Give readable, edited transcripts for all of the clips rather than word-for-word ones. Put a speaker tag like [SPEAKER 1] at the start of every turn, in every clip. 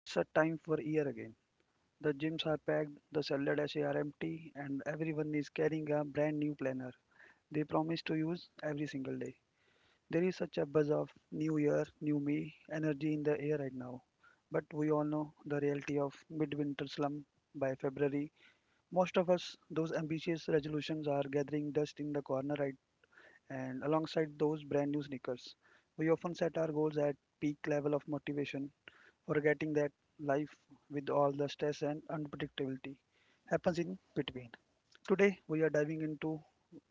[SPEAKER 1] It's a time for year again. The gyms are packed, the salad sachets are empty, and everyone is carrying a brand new planner they promise to use every single day. There is such a buzz of new year, new me energy in the air right now. But we all know the reality of midwinter slump by February. Most of us, those ambitious resolutions are gathering dust in the corner, right? And alongside those brand new sneakers, we often set our goals at peak level of motivation forgetting that life with all the stress and unpredictability happens in between. Today we are diving into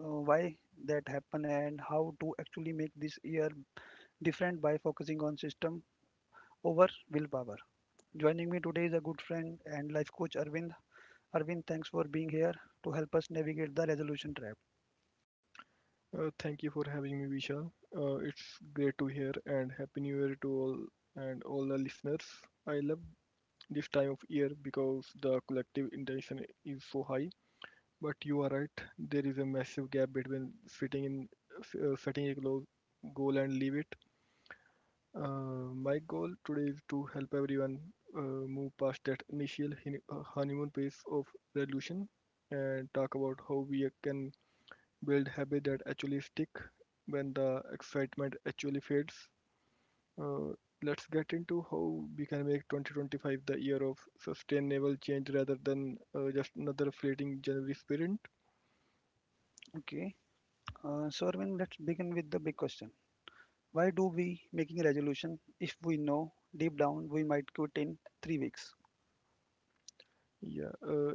[SPEAKER 1] why that happen and how to actually make this year different by focusing on system over willpower. Joining me today is a good friend and life coach Arvind. Arvind, thanks for being here to help us navigate the resolution trap.
[SPEAKER 2] Thank you for having me, Vishal. It's great to hear, and happy new year to all and all the listeners. I love this time of year because the collective intention is so high. But you are right, there is a massive gap between sitting in setting a goal, and leave it. My goal today is to help everyone move past that initial honeymoon phase of resolution and talk about how we can build habits that actually stick when the excitement actually fades. Uh, let's get into how we can make 2025 the year of sustainable change rather than just another fleeting January sprint.
[SPEAKER 1] Okay, so Arvind, let's begin with the big question. Why do we making a resolution if we know deep down we might quit in 3 weeks?
[SPEAKER 2] Yeah,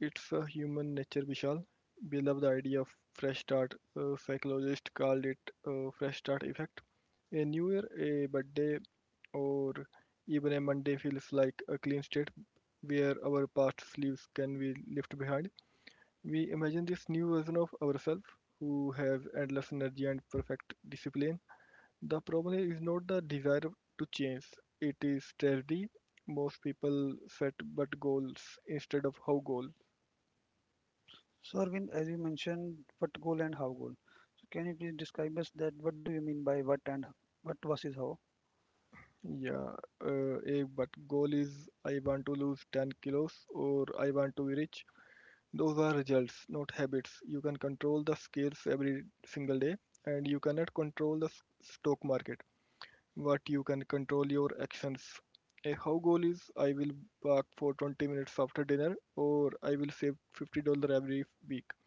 [SPEAKER 2] it's a human nature, Vishal. We love the idea of fresh start. Psychologists called it fresh start effect. A new year, a birthday, or even a Monday feels like a clean state where our past sleeves can be left behind. We imagine this new version of ourselves who have endless energy and perfect discipline. The problem is not the desire to change, it is strategy. Most people set but goals instead of how goal.
[SPEAKER 1] So Arvind, as you mentioned, what goal and how goal. So can you please describe us that what do you mean by what and what versus how?
[SPEAKER 2] Yeah, a but goal is I want to lose 10 kilos or I want to be rich. Those are results, not habits. You can control the scales every single day, and you cannot control the stock market. What you can control your actions. A how goal is I will walk for 20 minutes after dinner or I will save $50 every week.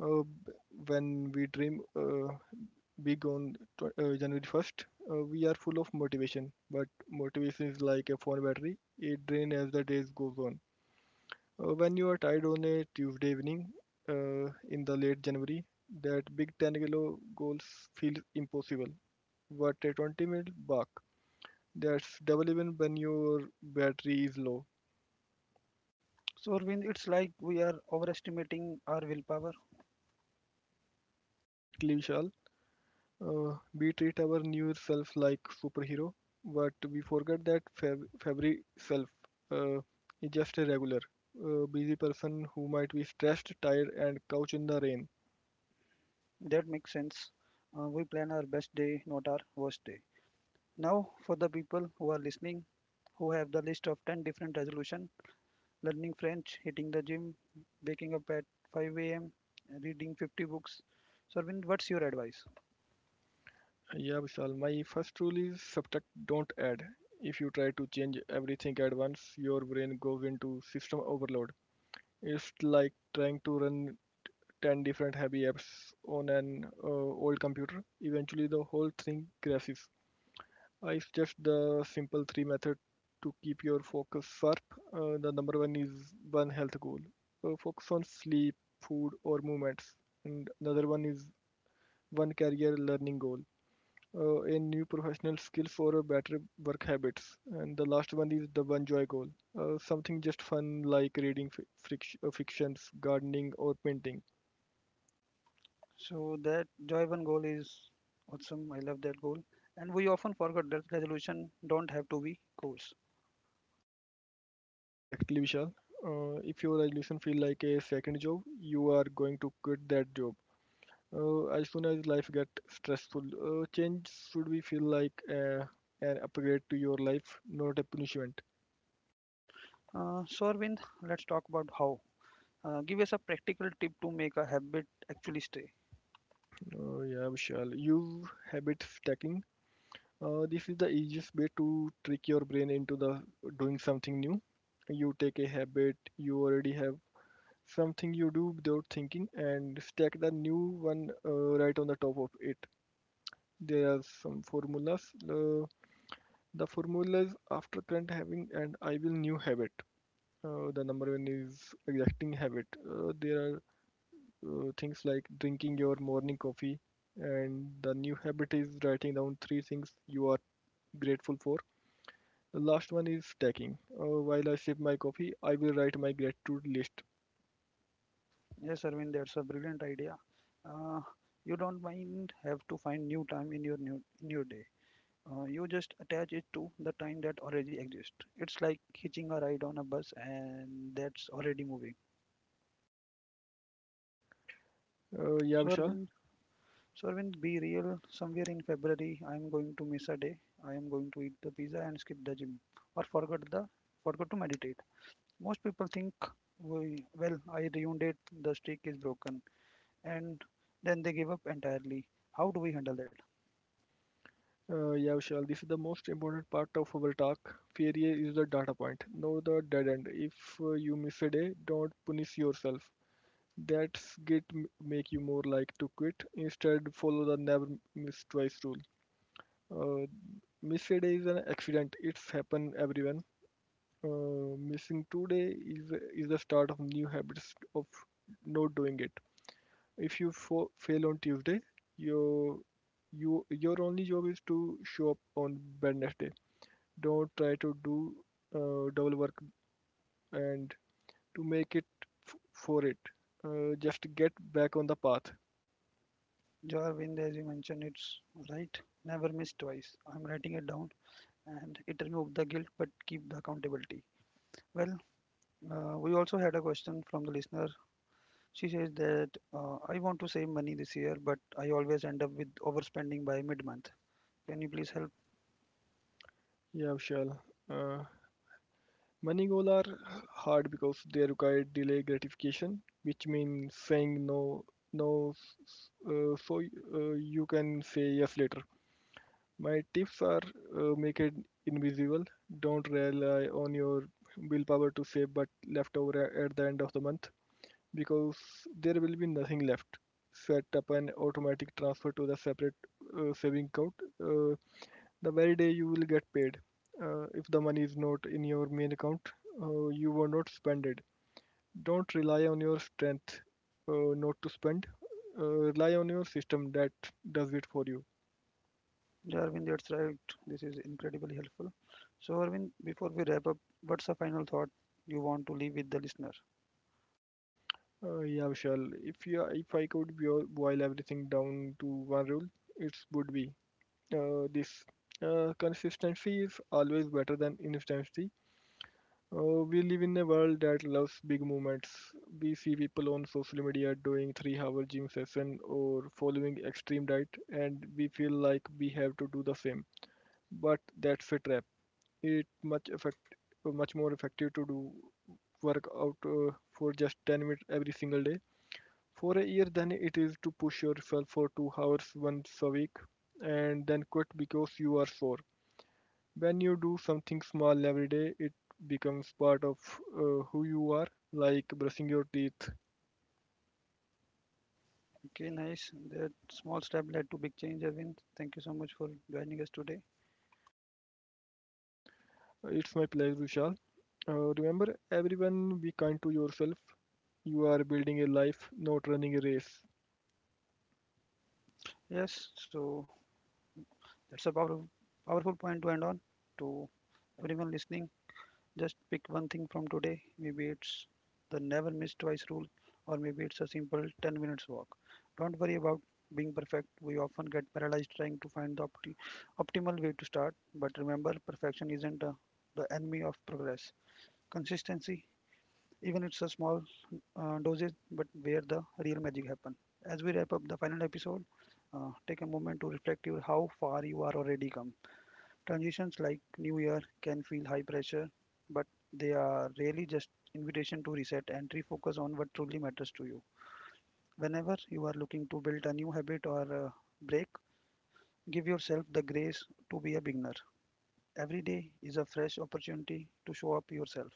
[SPEAKER 2] Uh, when we dream big on January 1st, we are full of motivation, but motivation is like a phone battery. It drains as the days goes on. When you are tired on a Tuesday evening in the late January, that big 10 kilo goals feels impossible. But a 20-minute walk, that's double even when your battery is low.
[SPEAKER 1] So Arvind, it's like we are overestimating our willpower.
[SPEAKER 2] Exactly, Vishal. We treat our new self like superhero, but we forget that February self uh, is just a regular, busy person who might be stressed, tired, and couch in the rain.
[SPEAKER 1] That makes sense. We plan our best day, not our worst day. Now, for the people who are listening, who have the list of 10 different resolution, learning French, hitting the gym, waking up at 5 a.m., reading 50 books. So Arvind, what's your advice?
[SPEAKER 2] Yeah, Vishal. My first rule is subtract, don't add. If you try to change everything at once, your brain goes into system overload. It's like trying to run 10 different heavy apps on an old computer. Eventually, the whole thing crashes. I suggest the simple three method to keep your focus sharp. The number one is one health goal. Focus on sleep, food, or movements. And another one is one career learning goal. A new professional skills for a better work habits. And the last one is the one joy goal. Something just fun like reading fictions, gardening, or painting.
[SPEAKER 1] So that Joyban goal is awesome. I love that goal. And we often forget that resolution don't have to be goals.
[SPEAKER 2] Exactly, Vishal. If your resolution feel like a second job, you are going to quit that job. As soon as life get stressful, change should be feel like an upgrade to your life, not a punishment.
[SPEAKER 1] So Arvind, let's talk about how. Give us a practical tip to make a habit actually stay.
[SPEAKER 2] Yeah, Vishal. You habit stacking. This is the easiest way to trick your brain into the doing something new. You take a habit you already have, something you do without thinking, and stack the new one right on the top of it. There are some formulas. Uh, the formulas after current having and I will new habit. The number one is exacting habit. There are things like drinking your morning coffee, and the new habit is writing down three things you are grateful for. The last one is stacking. While I sip my coffee, I will write my gratitude list.
[SPEAKER 1] Yes, Arvind, that's a brilliant idea. Uh, you don't mind have to find new time in your new in your day. You just attach it to the time that already exists. It's like hitching a ride on a bus and that's already moving.
[SPEAKER 2] Uh, yeah,
[SPEAKER 1] So
[SPEAKER 2] Vishal.
[SPEAKER 1] Arvind, So Arvind, be real. Somewhere in February, I am going to miss a day. I am going to eat the pizza and skip the gym, or forget the forgot to meditate. Most people think, "Well, I ruined it. The streak is broken, and then they give up entirely. How do we handle that?
[SPEAKER 2] Yeah, Vishal, this is the most important part of our talk. Failure is the data point, not the dead end. If you miss a day, don't punish yourself. That's make you more like to quit. Instead, follow the never miss twice rule. Uh, Miss a day is an accident. It's happen everyone. Missing 2 day is the start of new habits of not doing it. If you fail on Tuesday, your your only job is to show up on Wednesday, don't try to do double work and to make it for it. Just get back on the path.
[SPEAKER 1] Jo Arvind, as you mentioned, it's right. Never miss twice. I'm writing it down, and it removed the guilt, but keep the accountability. Well, we also had a question from the listener. She says that I want to save money this year, but I always end up with overspending by mid month. Can you please help?
[SPEAKER 2] Yeah, Vishal. Uh, Money goals are hard because they require delay gratification, which means saying no, no, so you can say yes later. My tips are make it invisible. Don't rely on your willpower to save, but leftover at the end of the month, because there will be nothing left. Set up an automatic transfer to the separate saving account uh, the very day you will get paid. If the money is not in your main account, you will not spend it. Don't rely on your strength not to spend. Uh, Rely on your system that does it for you.
[SPEAKER 1] Yeah, Arvind, that's right. This is incredibly helpful. So, Arvind, before we wrap up, what's a final thought you want to leave with the listener?
[SPEAKER 2] Yeah, Vishal. If I could boil everything down to one rule, it would be this. Consistency is always better than instancy. We live in a world that loves big movements. We see people on social media doing three-hour gym session or following extreme diet, and we feel like we have to do the same. But that's a trap. It much effect, Much more effective to do work out for just 10 minutes every single day for a year than it is to push yourself for 2 hours once a week and then quit because you are sore. When you do something small every day, it becomes part of who you are, like brushing your teeth.
[SPEAKER 1] Okay, nice. That small step led to big change, Arvind. Thank you so much for joining us today.
[SPEAKER 2] It's my pleasure, Vishal. Remember, everyone, be kind to yourself. You are building a life, not running a race.
[SPEAKER 1] Yes, so that's a powerful point to end on. To everyone listening, just pick one thing from today. Maybe it's the never miss twice rule, or maybe it's a simple 10 minutes walk. Don't worry about being perfect. We often get paralyzed trying to find the optimal way to start. But remember, perfection isn't the enemy of progress. Consistency, even it's a small doses, but where the real magic happen. As we wrap up the final episode, take a moment to reflect your how far you are already come. Transitions like New Year can feel high pressure, but they are really just invitation to reset and refocus on what truly matters to you. Whenever you are looking to build a new habit or a break, give yourself the grace to be a beginner. Every day is a fresh opportunity to show up yourself.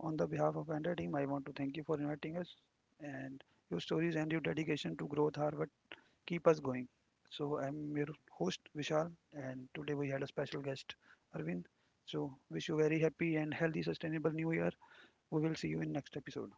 [SPEAKER 1] On the behalf of entire team, I want to thank you for inviting us and your stories and your dedication to growth are what keep us going. So I'm your host Vishal, and today we had a special guest Arvind. So wish you very happy and healthy, sustainable New Year. We will see you in next episode.